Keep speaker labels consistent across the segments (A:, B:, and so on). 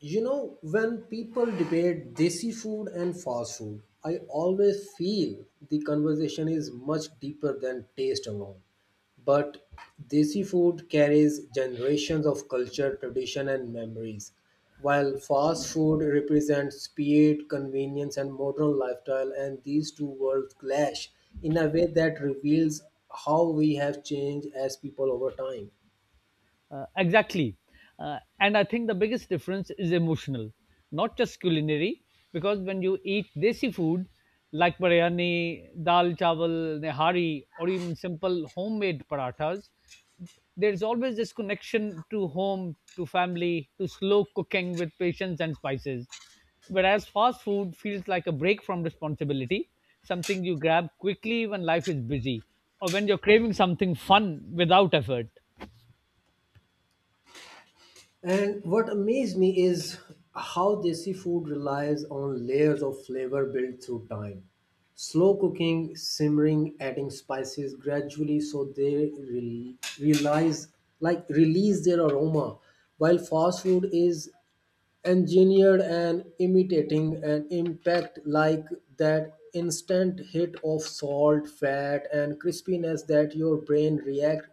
A: You know, when people debate desi food and fast food, I always feel the conversation is much deeper than taste alone. But desi food carries generations of culture, tradition, and memories, while fast food represents speed, convenience, and modern lifestyle, and these two worlds clash in a way that reveals how we have changed as people over time.
B: Exactly. And I think the biggest difference is emotional, not just culinary, because when you eat desi food like biryani, dal chawal, nehari, or even simple homemade parathas, there's always this connection to home, to family, to slow cooking with patience and spices. Whereas fast food feels like a break from responsibility, something you grab quickly when life is busy or when you're craving something fun without effort.
A: And what amazed me is how desi food relies on layers of flavor built through time. Slow cooking, simmering, adding spices gradually so they realize release their aroma. While fast food is engineered and imitating an impact, like that instant hit of salt, fat, and crispiness that your brain react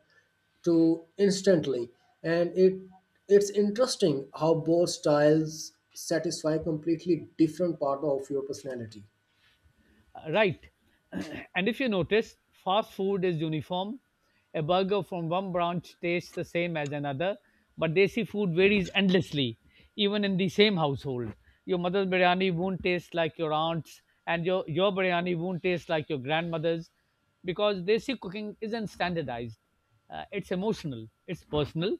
A: to instantly. And it it's interesting how both styles satisfy completely different part of your personality.
B: Right. And if you notice, fast food is uniform. A burger from one branch tastes the same as another, but desi food varies endlessly, even in the same household. Your mother's biryani won't taste like your aunt's, and your biryani won't taste like your grandmother's because desi cooking isn't standardized. It's emotional, it's personal,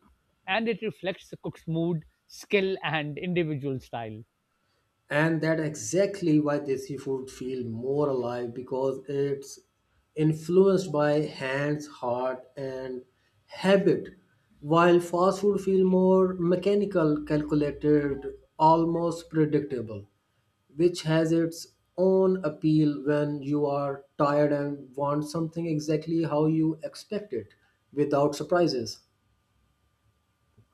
B: and it reflects the cook's mood, skill, and individual style.
A: And that exactly why desi food feel more alive because it's influenced by hands, heart, and habit, while fast food feel more mechanical, calculated, almost predictable, which has its own appeal when you are tired and want something exactly how you expect it without surprises.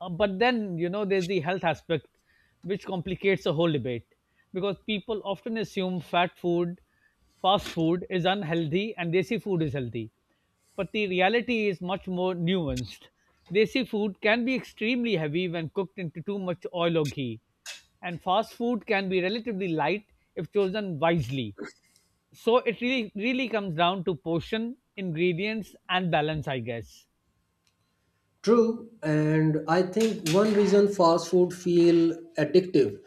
B: But then, there's the health aspect, which complicates the whole debate because people often assume fast food is unhealthy and desi food is healthy. But the reality is much more nuanced. Desi food can be extremely heavy when cooked into too much oil or ghee, and fast food can be relatively light if chosen wisely. So it really comes down to portion, ingredients, and balance, I guess.
A: True, and I think one reason fast food feel addictive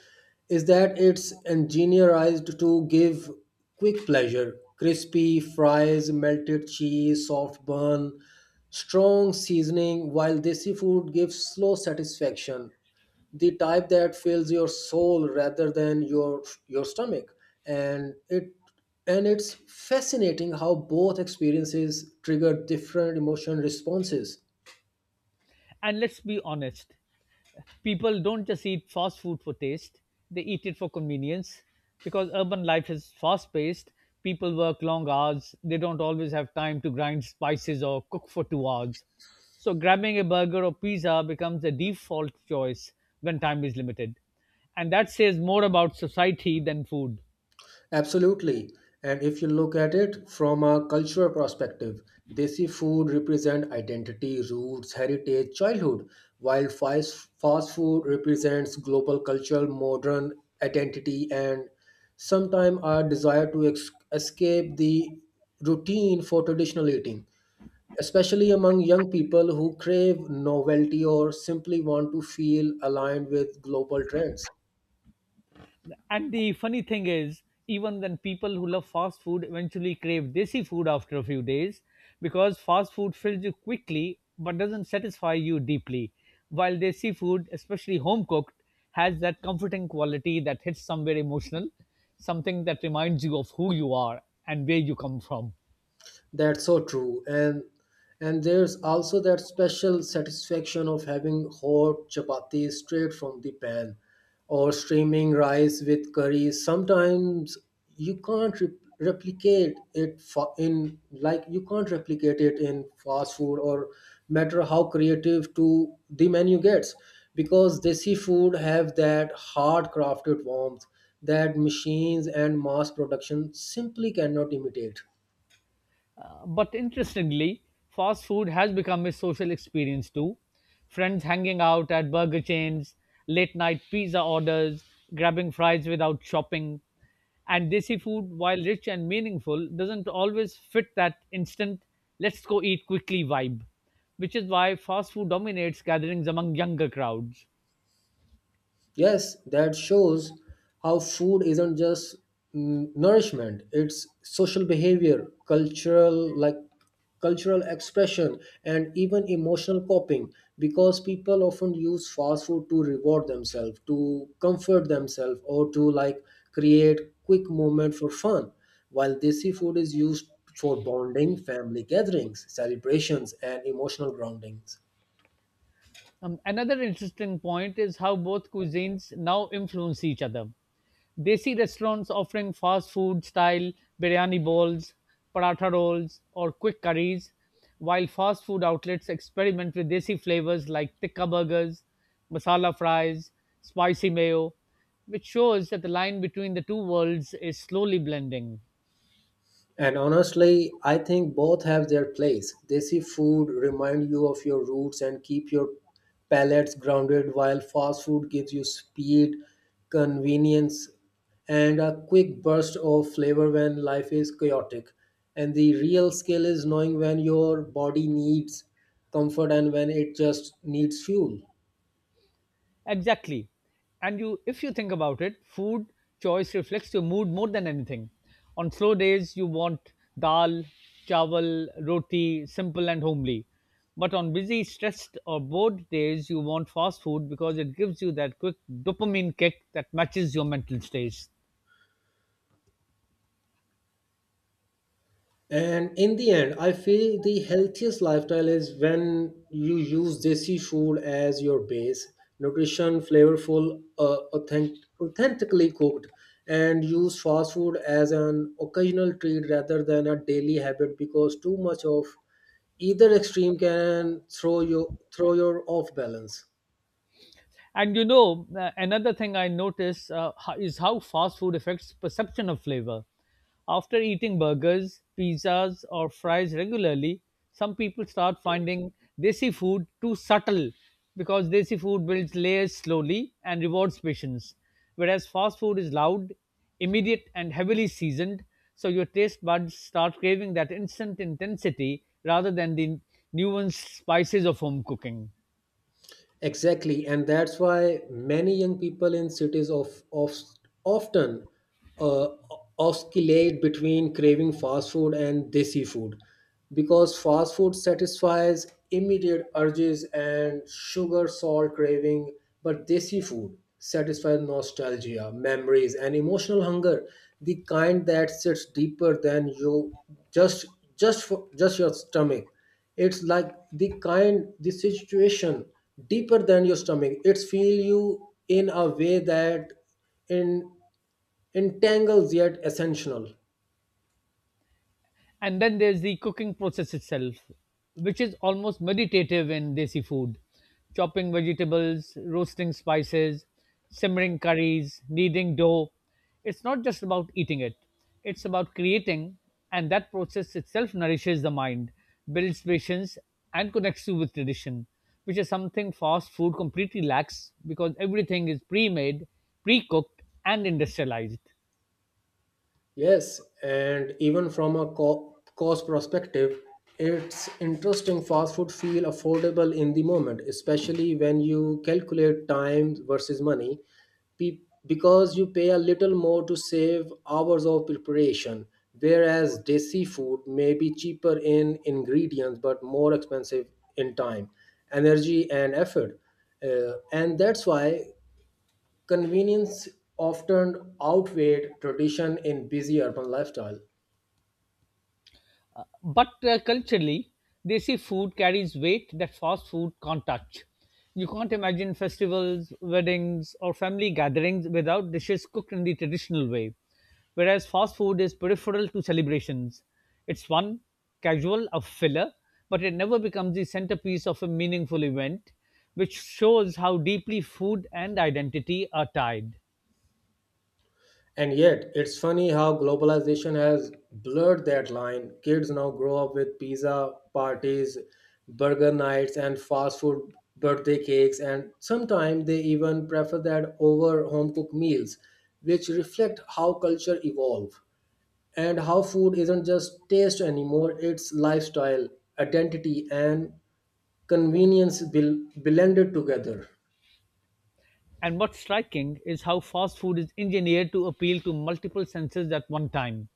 A: is that it's engineerized to give quick pleasure. Crispy fries, melted cheese, soft bun, strong seasoning, while desi food gives slow satisfaction. The type that fills your soul rather than your stomach. And it and it's fascinating how both experiences trigger different emotion responses.
B: And let's be honest, people don't just eat fast food for taste, they eat it for convenience because urban life is fast paced. People work long hours, they don't always have time to grind spices or cook for 2 hours. So, grabbing a burger or pizza becomes a default choice when time is limited. And that says more about society than food.
A: Absolutely. And if you look at it from a cultural perspective, desi food represents identity, roots, heritage, childhood, while fast food represents global cultural, modern identity, and sometimes our desire to escape the routine for traditional eating, especially among young people who crave novelty or simply want to feel aligned with global trends.
B: And the funny thing is, even then, people who love fast food eventually crave desi food after a few days because fast food fills you quickly but doesn't satisfy you deeply. While desi food, especially home cooked, has that comforting quality that hits somewhere emotional, something that reminds you of who you are and where you come from.
A: That's so true. And there's also that special satisfaction of having hot chapati straight from the pan or steaming rice with curry. Sometimes you can't re- you can't replicate it in fast food, or matter how creative to the menu gets, because desi food have that hard crafted warmth that machines and mass production simply cannot imitate.
B: But interestingly, fast food has become a social experience too. Friends hanging out at burger chains, late night pizza orders, grabbing fries without shopping. And desi food, while rich and meaningful, doesn't always fit that instant, let's go eat quickly vibe, which is why fast food dominates gatherings among younger crowds.
A: Yes, that shows how food isn't just nourishment, it's social behavior, cultural expression and even emotional coping, because people often use fast food to reward themselves, to comfort themselves, or to create quick moment for fun, while desi food is used for bonding, family gatherings, celebrations, and emotional groundings.
B: Another interesting point is how both cuisines now influence each other. Desi restaurants offering fast food style biryani bowls, paratha rolls, or quick curries, while fast food outlets experiment with desi flavors like tikka burgers, masala fries, spicy mayo, which shows that the line between the two worlds is slowly blending.
A: And honestly, I think both have their place. Desi food remind you of your roots and keep your palates grounded, while fast food gives you speed, convenience, and a quick burst of flavor when life is chaotic. And the real skill is knowing when your body needs comfort and when it just needs fuel.
B: Exactly. And you if you think about it, food choice reflects your mood more than anything. On slow days you want dal, chawal, roti, simple and homely. But on busy, stressed or bored days you want fast food because it gives you that quick dopamine kick that matches your mental states.
A: And in the end, I feel the healthiest lifestyle is when you use desi food as your base, nutrition, flavorful, authentically cooked, and use fast food as an occasional treat rather than a daily habit, because too much of either extreme can throw your off balance.
B: And another thing I notice is how fast food affects perception of flavor. After eating burgers, pizzas, or fries regularly, some people start finding desi food too subtle because desi food builds layers slowly and rewards patience, whereas fast food is loud, immediate, and heavily seasoned. So your taste buds start craving that instant intensity rather than the nuanced spices of home cooking.
A: Exactly, and that's why many young people in cities of often uh, oscillate between craving fast food and desi food, because fast food satisfies immediate urges and sugar salt craving, but desi food satisfies nostalgia, memories, and emotional hunger, the kind that sits deeper than you just just for, just your stomach. It's like the kind the situation deeper than your stomach, it's feel you in a way that in entangles yet essential.
B: And then there's the cooking process itself, which is almost meditative in desi food: chopping vegetables, roasting spices, simmering curries, kneading dough. It's not just about eating, it it's about creating, and that process itself nourishes the mind, builds patience, and connects you with tradition, which is something fast food completely lacks because everything is pre-made, pre-cooked and industrialized.
A: Yes, and even from a cost perspective, it's interesting fast food feel affordable in the moment, especially when you calculate time versus money, because you pay a little more to save hours of preparation, whereas desi food may be cheaper in ingredients but more expensive in time, energy, and effort. And that's why convenience often outweighed tradition in busy urban lifestyle.
B: But culturally, they see food carries weight that fast food can't touch. You can't imagine festivals, weddings, or family gatherings without dishes cooked in the traditional way. Whereas fast food is peripheral to celebrations. It's fun, casual, a filler, but it never becomes the centerpiece of a meaningful event, which shows how deeply food and identity are tied.
A: And yet, it's funny how globalization has blurred that line. Kids now grow up with pizza parties, burger nights, and fast food birthday cakes, and sometimes they even prefer that over home cooked meals, which reflect how culture evolves and how food isn't just taste anymore, it's lifestyle, identity, and blended together.
B: And what's striking is how fast food is engineered to appeal to multiple senses at one time: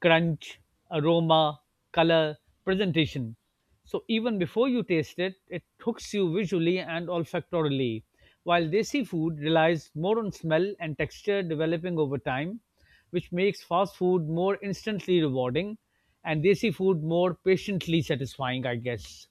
B: crunch, aroma, color, presentation. So even before you taste it, it hooks you visually and olfactorily. While desi food relies more on smell and texture developing over time, which makes fast food more instantly rewarding and desi food more patiently satisfying, I guess.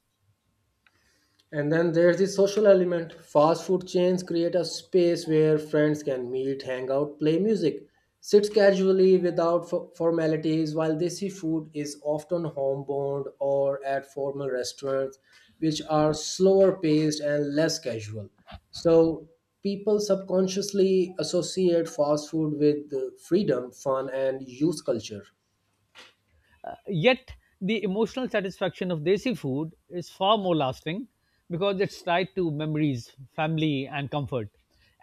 A: And then there's the social element. Fast food chains create a space where friends can meet, hang out, play music, sit casually without formalities, while desi food is often homebound or at formal restaurants, which are slower paced and less casual. So people subconsciously associate fast food with freedom, fun, and youth culture.
B: Yet the emotional satisfaction of desi food is far more lasting because it's tied to memories, family, and comfort.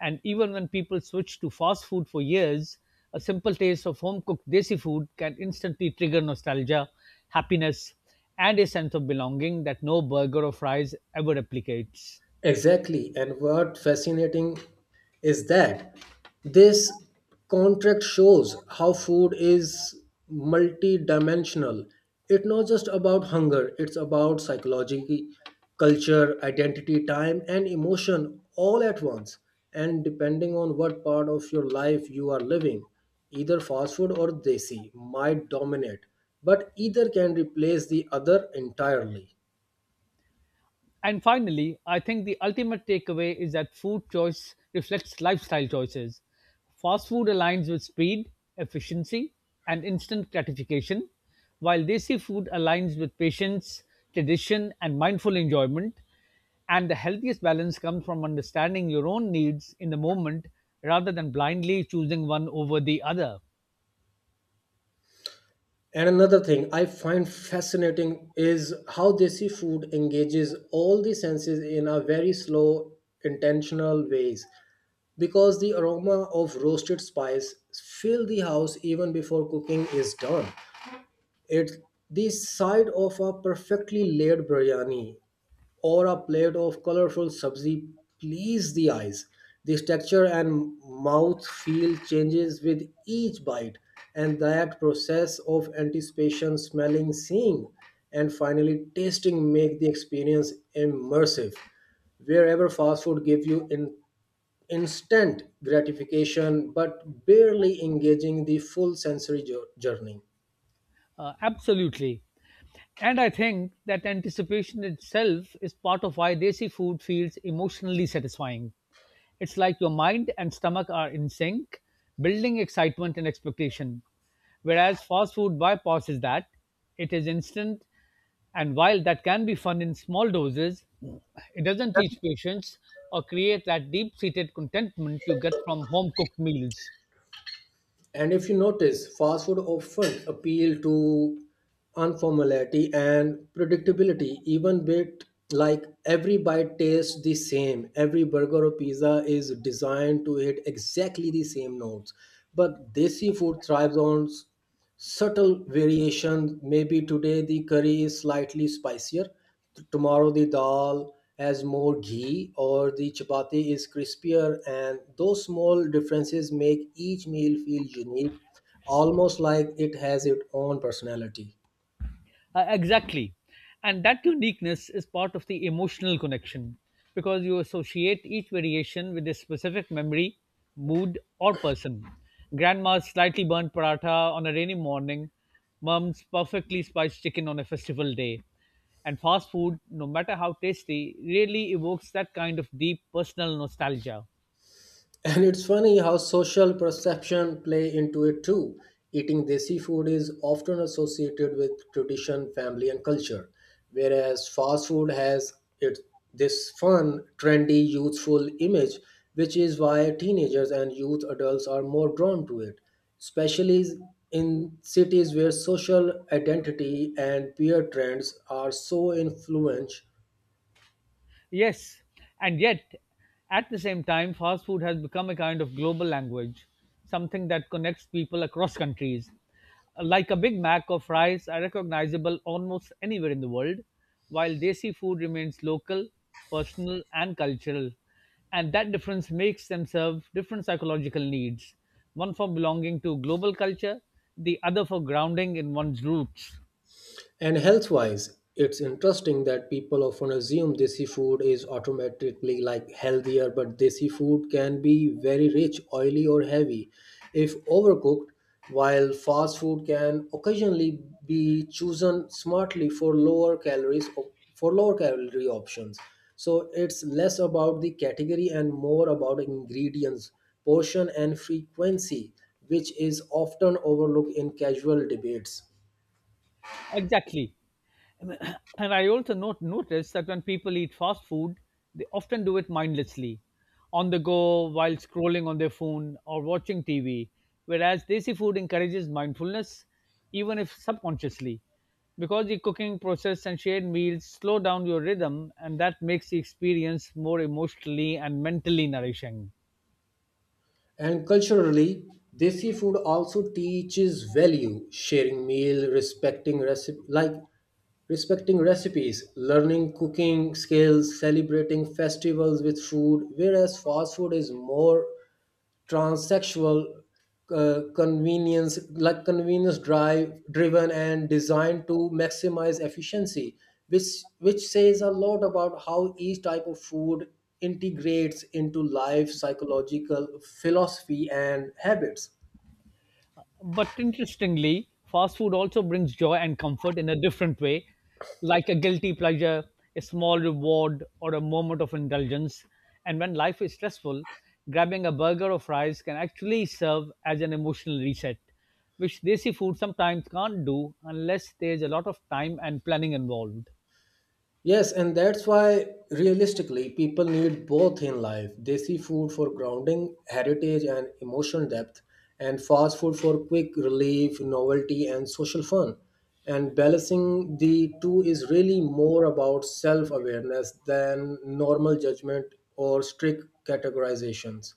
B: And even when people switch to fast food for years, a simple taste of home cooked desi food can instantly trigger nostalgia, happiness, and a sense of belonging that no burger or fries ever replicates.
A: Exactly. And what fascinating is that this contract shows how food is multidimensional. It's not just about hunger, it's about psychology, culture, identity, time, and emotion all at once. And depending on what part of your life you are living, either fast food or desi might dominate, but either can replace the other entirely.
B: And finally, I think the ultimate takeaway is that food choice reflects lifestyle choices. Fast food aligns with speed, efficiency, and instant gratification, while desi food aligns with patience, tradition, and mindful enjoyment. And the healthiest balance comes from understanding your own needs in the moment rather than blindly choosing one over the other.
A: And another thing I find fascinating is how desi food engages all the senses in a very slow, intentional ways. Because the aroma of roasted spice fill the house even before cooking is done. It's the side of a perfectly laid biryani or a plate of colorful sabzi please the eyes. The texture and mouth feel changes with each bite, and that process of anticipation, smelling, seeing, and finally tasting make the experience immersive. Wherever fast food gives you in instant gratification but barely engaging the full sensory journey.
B: Absolutely. And I think that anticipation itself is part of why desi food feels emotionally satisfying. It's like your mind and stomach are in sync, building excitement and expectation. Whereas fast food bypasses that, it is instant. And while that can be fun in small doses, it doesn't teach patience or create that deep seated contentment you get from home cooked meals.
A: And if you notice, fast food often appeal to informality and predictability, even bit like every bite tastes the same. Every burger or pizza is designed to hit exactly the same notes. But desi food thrives on subtle variation. Maybe today the curry is slightly spicier, tomorrow the dal has more ghee, or the chapati is crispier, and those small differences make each meal feel unique, almost like it has its own personality.
B: Exactly. And that uniqueness is part of the emotional connection because you associate each variation with a specific memory, mood, or person. Grandma's slightly burnt paratha on a rainy morning, mom's perfectly spiced chicken on a festival day. And fast food, no matter how tasty, really evokes that kind of deep personal nostalgia.
A: And it's funny how social perception play into it too. Eating desi food is often associated with tradition, family, and culture, whereas fast food has it this fun, trendy, youthful image, which is why teenagers and youth adults are more drawn to it, especially in cities where social identity and peer trends are so influential.
B: Yes, and yet, at the same time, fast food has become a kind of global language, something that connects people across countries. Like a Big Mac or fries are recognizable almost anywhere in the world, while desi food remains local, personal, and cultural. And that difference makes them serve different psychological needs: one for belonging to global culture, the other for grounding in one's roots.
A: And health wise, it's interesting that people often assume desi food is automatically healthier, but desi food can be very rich, oily, or heavy if overcooked, while fast food can occasionally be chosen smartly for lower calorie options. So it's less about the category and more about ingredients, portion, and frequency, which is often overlooked in casual debates.
B: Exactly. And I also not notice that when people eat fast food, they often do it mindlessly, on the go, while scrolling on their phone or watching TV, whereas desi food encourages mindfulness, even if subconsciously, because the cooking process and shared meals slow down your rhythm, and that makes the experience more emotionally and mentally nourishing.
A: And culturally, desi food also teaches value, sharing meal, respecting recipe like respecting recipes, learning cooking skills, celebrating festivals with food, whereas fast food is more transsexual convenience driven and designed to maximize efficiency, which which says a lot about how each type of food integrates into life psychological philosophy and habits.
B: But interestingly, fast food also brings joy and comfort in a different way, like a guilty pleasure, a small reward, or a moment of indulgence. And when life is stressful, grabbing a burger or fries can actually serve as an emotional reset, which desi food sometimes can't do unless there's a lot of time and planning involved.
A: Yes, and that's why realistically people need both in life. They see food for grounding, heritage, and emotional depth, and fast food for quick relief, novelty, and social fun. And balancing the two is really more about self awareness than normal judgment or strict categorizations.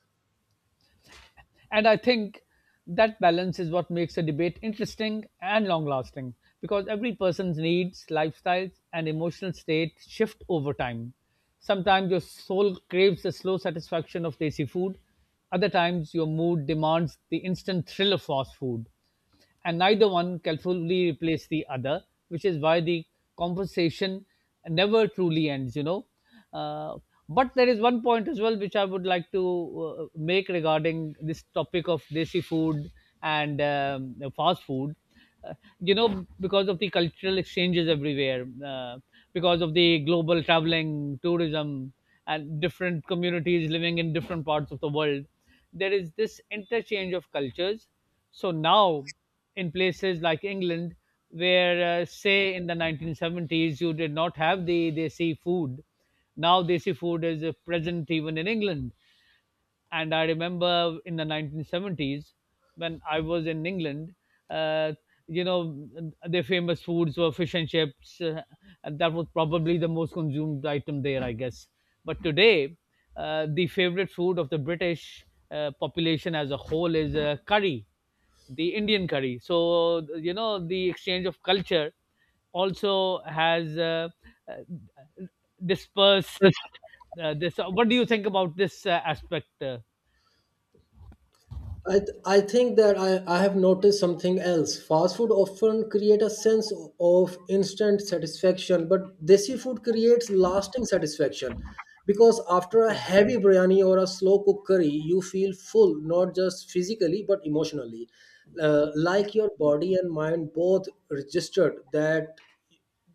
B: And I think that balance is what makes a debate interesting and long lasting because every person's needs, lifestyles, and emotional state shift over time. Sometimes your soul craves the slow satisfaction of tasty food, other times your mood demands the instant thrill of fast food, and neither one can fully replace the other, which is why the conversation never truly ends. Uh, but there is one point as well which I would like to make regarding this topic of desi food and fast food. Uh, because of the cultural exchanges everywhere, because of the global traveling, tourism, and different communities living in different parts of the world, there is this interchange of cultures. So now, in places like England, where say in the 1970s you did not have the desi food, now desi food is present even in England. And I remember in the 1970s when I was in England, uh, you know, their famous foods were fish and chips, and that was probably the most consumed item there, I guess. But today, the favorite food of the British population as a whole is curry, the Indian curry. So you know the exchange of culture also has uh, dispersed this. What do you think about this aspect?
A: I, th- I think that I have noticed something else. Fast food often create a sense of instant satisfaction, but desi food creates lasting satisfaction because after a
B: Sure.
A: heavy biryani or a slow cooked curry, you feel full, not just physically but emotionally. Like your body and mind both registered that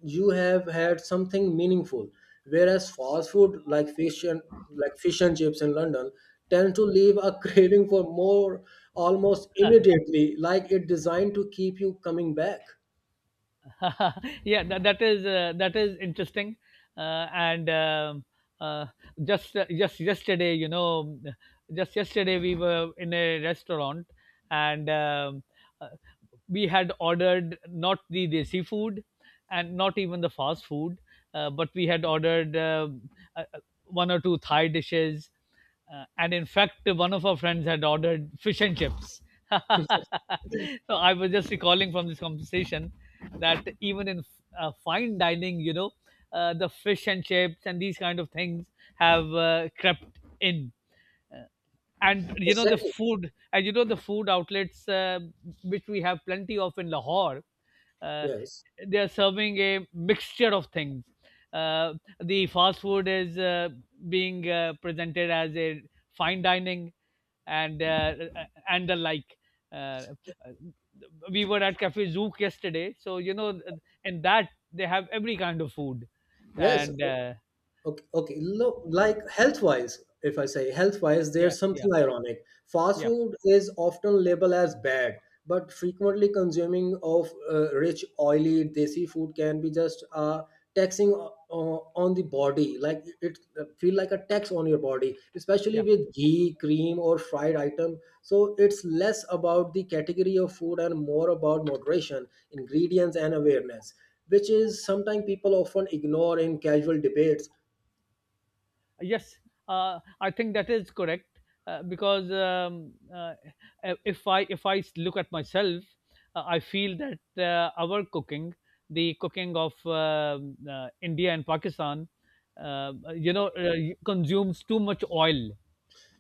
A: you have had something meaningful, whereas fast food like fish and chips in London tend to leave a craving for more almost immediately, like it designed to keep you coming back.
B: Yeah, that is interesting. And uh, just uh, just yesterday, you know, just yesterday we were in a restaurant, and uh, we had ordered not the desi food and not even the fast food, but we had ordered uh, one or two Thai dishes. And in fact, one of our friends had ordered fish and chips. So I was just recalling from this conversation that even in fine dining, the fish and chips and these kind of things have crept in, and the
A: Exactly,
B: food and the food outlets, which we have plenty of in Lahore, uh,
A: yes,
B: they are serving a mixture of things. uh, the fast food is being presented as a fine dining and uh, uh, and the like. uh, uh, we were at cafe Zook yesterday, so in that they have every kind of food.
A: yes.
B: And
A: Okay, okay. Look, like health-wise, if I say health-wise,
B: Yeah,
A: there's
B: yeah,
A: something ironic. Fast
B: yeah,
A: food is often labeled as bad, but frequently consuming of rich, oily, desi food can be just taxing on the body. Like it feel like a tax on your body,
B: yeah.
A: especially with ghee, cream, or fried item. So it's less about the category of food and more about moderation, ingredients, and awareness, which is sometimes people often ignore in casual debates.
B: Yes, I think that is correct, because if I look at myself, I feel that our cooking, the cooking of India and Pakistan, uh, you know, uh, consumes too much oil.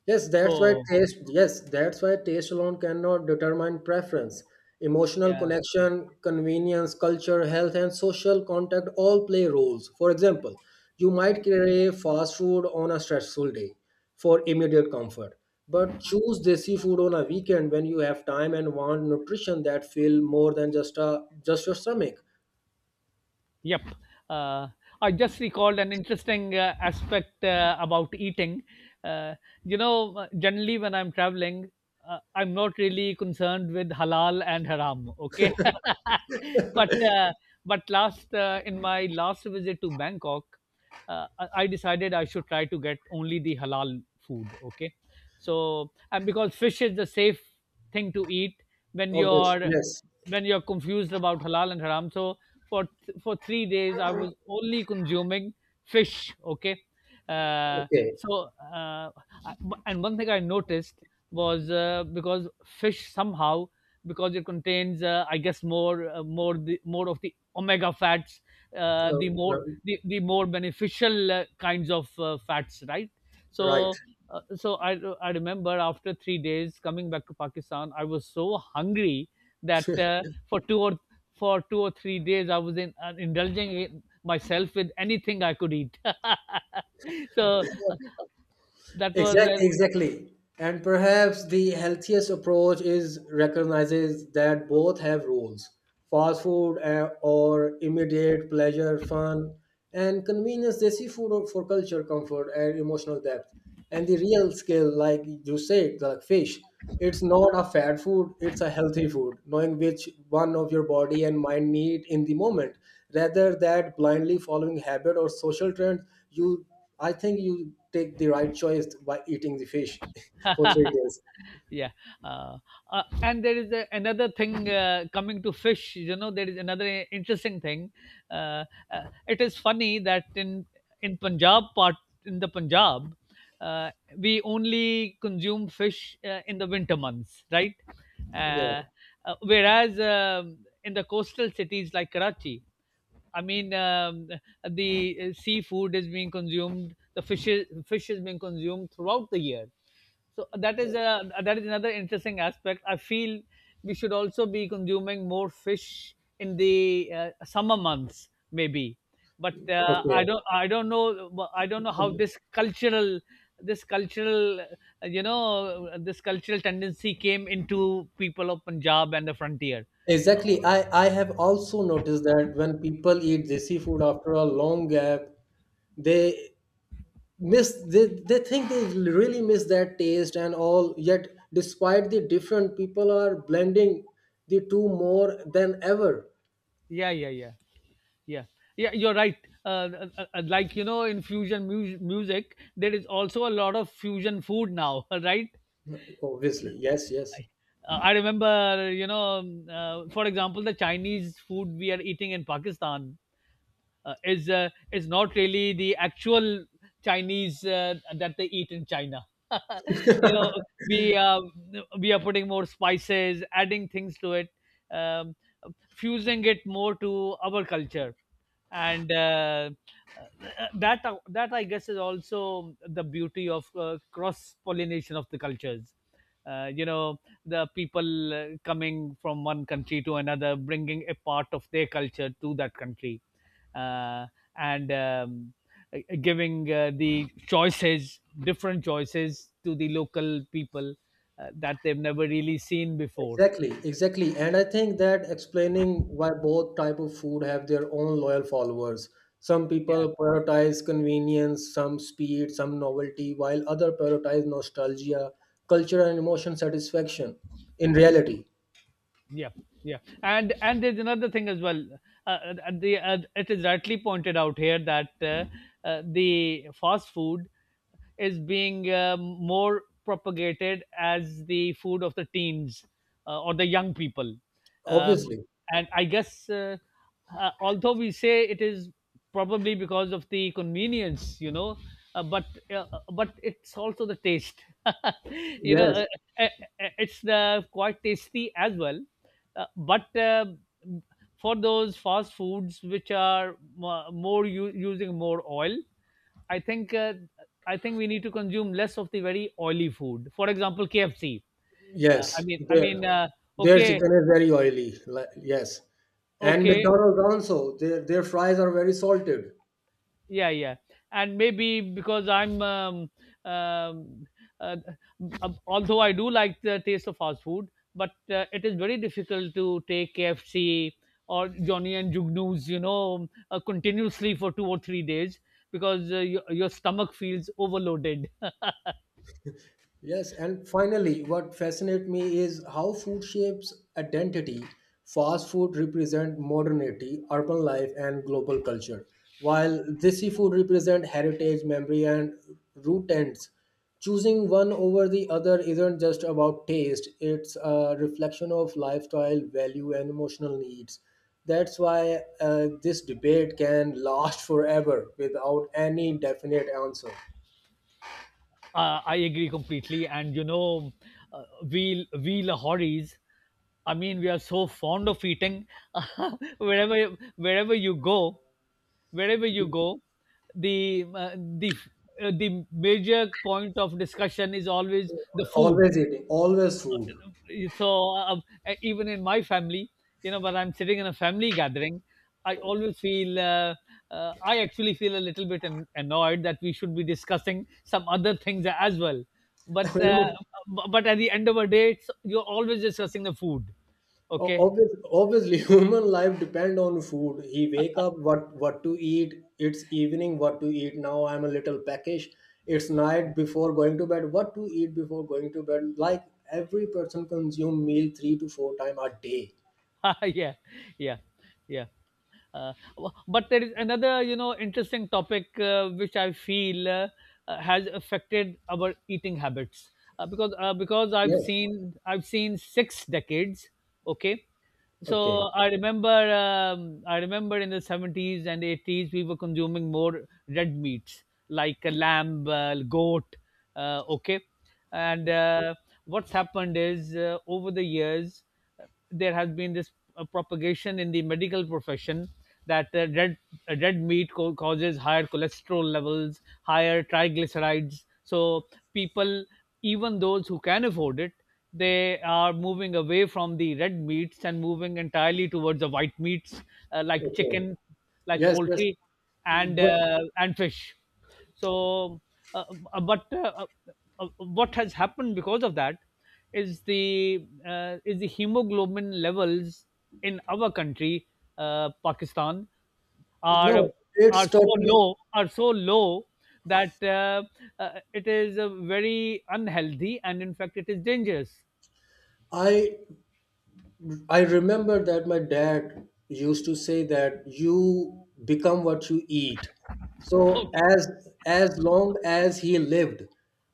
B: So
A: Yes, that's why taste alone cannot determine preference. Emotional
B: yeah.
A: connection, convenience, culture, health, and social contact all play roles. For example, you might crave fast food on a stressful day for immediate comfort, but choose desi food on a weekend when you have time and want nutrition that feel more than just your stomach.
B: Yep. Uh, I just recalled an interesting aspect about eating. Uh, Generally when I'm traveling, I'm not really concerned with halal and haram. Okay. but uh, but last in my last visit to Bangkok, I decided I should try to get only the halal food. Okay, so and because fish is the safe thing to eat when
A: Obvious,
B: you're
A: yes,
B: when you're confused about halal and haram. So for 3 days I was only consuming fish. Okay. uh,
A: okay,
B: so uh, and one thing I noticed was, because fish somehow, because it contains, I guess, more of the omega fats,
A: uh,
B: the more
A: r-
B: the, the more beneficial kinds of fats, right?
A: right.
B: So uh, so I remember after 3 days coming back to Pakistan I was so hungry that, for two or for 2 or 3 days, I was indulging in myself with anything I could eat. So that was
A: Exactly, exactly. And perhaps the healthiest approach is recognizes that both have roles. Fast food or immediate pleasure, fun, and convenience, they see food for culture, comfort, and emotional depth. And the real skill, like you said, like fish. It's not a fat food, it's a healthy food, knowing which one of your body and mind need in the moment. Rather than blindly following habit or social trends, you I think you take the right choice by eating the fish for
B: a...
A: 3 days.
B: Yeah. uh, and there is another thing, coming to fish, there is another interesting thing. uh, it is funny that in punjab part in the Punjab, uh, we only consume fish in the winter months, right?
A: Yeah.
B: uh, Whereas in the coastal cities like Karachi, I mean, the seafood is being consumed, the fish is being consumed throughout the year. So that is another interesting aspect, I feel. We should also be consuming more fish in the summer months maybe. But i
A: Okay.
B: don't i don't know, well, I don't know how this cultural, this cultural tendency came into people of Punjab and the frontier. uh,
A: Exactly. I have also noticed that when people eat desi food after a long gap, they they think they really miss that taste and all, yet despite the different people are blending the two more than ever.
B: yeah, yeah, yeah, yeah, yeah, you're right. Like, in fusion music there is also a lot of fusion food now. Right.
A: Obviously, yes, yes.
B: I remember, for example, the Chinese food we are eating in Pakistan is not really the actual Chinese that they eat in China. you know, we uh, we are putting more spices, adding things to it, um, fusing it more to our culture, and that I guess is also the beauty of cross pollination of the cultures. Uh, you know, the people coming from one country to another, bringing a part of their culture to that country, uh, and giving the choices, different choices to the local people that they've never really seen before.
A: Exactly, exactly. And I think that explaining why both type of food have their own loyal followers. Some people prioritize convenience, some speed, some novelty, while other prioritize nostalgia, culture, and emotion satisfaction in reality.
B: Yeah, yeah, and there's another thing as well. The It is rightly pointed out here that, the fast food is being, more propagated as the food of the teens, or the young people. um,
A: Obviously,
B: and I guess, although we say it is probably because of the convenience, but uh, it's also the taste. you know,
A: yes,
B: uh, uh, it's quite tasty as well, but for those fast foods which are more using more oil. I think uh, i think we need to consume less of the very oily food, for example KFC. I
A: yes,
B: mean i
A: there.
B: mean
A: Their
B: okay,
A: chicken is very oily. Like, yes. And
B: okay.
A: McDonald's also, their fries are very salted.
B: Yeah, yeah. And maybe because I'm um, uh, although I do like the taste of fast food, but it is very difficult to take KFC or Johnny and Jugnoos, continuously for 2 or 3 days, because your stomach feels overloaded.
A: Yes, and finally, what fascinates me is how food shapes identity. Fast food represent modernity, urban life, and global culture, while desi food represent heritage, memory, and root ends. Choosing one over the other isn't just about taste; it's a reflection of lifestyle, value, and emotional needs. That's why this debate can last forever without any definite answer.
B: I agree completely, and uh, we Lahoris, I mean, we are so fond of eating. Wherever you go, wherever you go, the uh, the f- the major point of discussion is always the food.
A: Always eating, always food.
B: So even in my family, when I'm sitting in a family gathering, I always feel uh, I actually feel a little bit annoyed that we should be discussing some other things as well. But uh,
A: Human-
B: but at the end of a day, you're always discussing the food. Okay.
A: obvious, obviously human life depend on food. He wake up what to eat, it's evening what to eat, now I'm a little peckish, it's night before going to bed what to eat before going to bed, like every person consume meal three to four time a day.
B: Yeah, yeah, yeah. But there is another, interesting topic, which I feel has affected our eating habits, because
A: Yes,
B: I've seen 6 decades. Okay. So
A: okay,
B: I remember, I remember, in the 70s and 80s we were consuming more red meats like a lamb, goat. Okay. And what's happened is, over the years there has been this propagation in the medical profession that, red meat causes higher cholesterol levels, higher triglycerides. So people, even those who can afford it, they are moving away from the red meats and moving entirely towards the white meats, like
A: okay,
B: chicken, like
A: yes, yes,
B: poultry,
A: but
B: and fish. So, uh, but what has happened because of that is the, hemoglobin levels in our country, Pakistan,
A: no,
B: are
A: it's totally.
B: are so low that, it is very unhealthy, and in fact it is dangerous.
A: i I remember that my dad used to say that you become what you eat. So
B: Okay.
A: as long as he lived,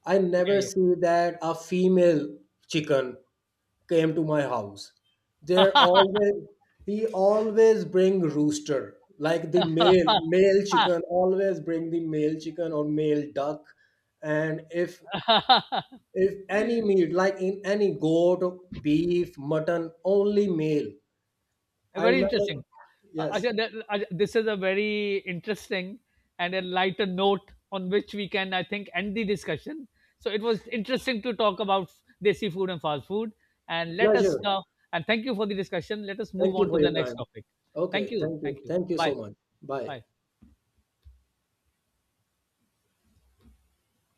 A: I never
B: Yeah.
A: see that a female chicken came to my house. There always he always bring rooster, like the male chicken, always bring the male chicken or male duck. And
B: Yeah.
A: if any meat like in any goat, beef, mutton, only male, I
B: Very
A: remember.
B: interesting.
A: Yes,
B: Ajay, this is a very interesting and a lighter note on which we can, I think, end the discussion. So it was interesting to talk about desi food and fast food. And let us
A: pleasure.
B: now, and thank you for the discussion. Let us move
A: Thank you
B: on to
A: for
B: the
A: your
B: next
A: time.
B: topic.
A: Okay,
B: Thank you.
A: thank
B: Thank
A: you.
B: you.
A: Thank you
B: Bye.
A: so much. Bye.
B: Bye.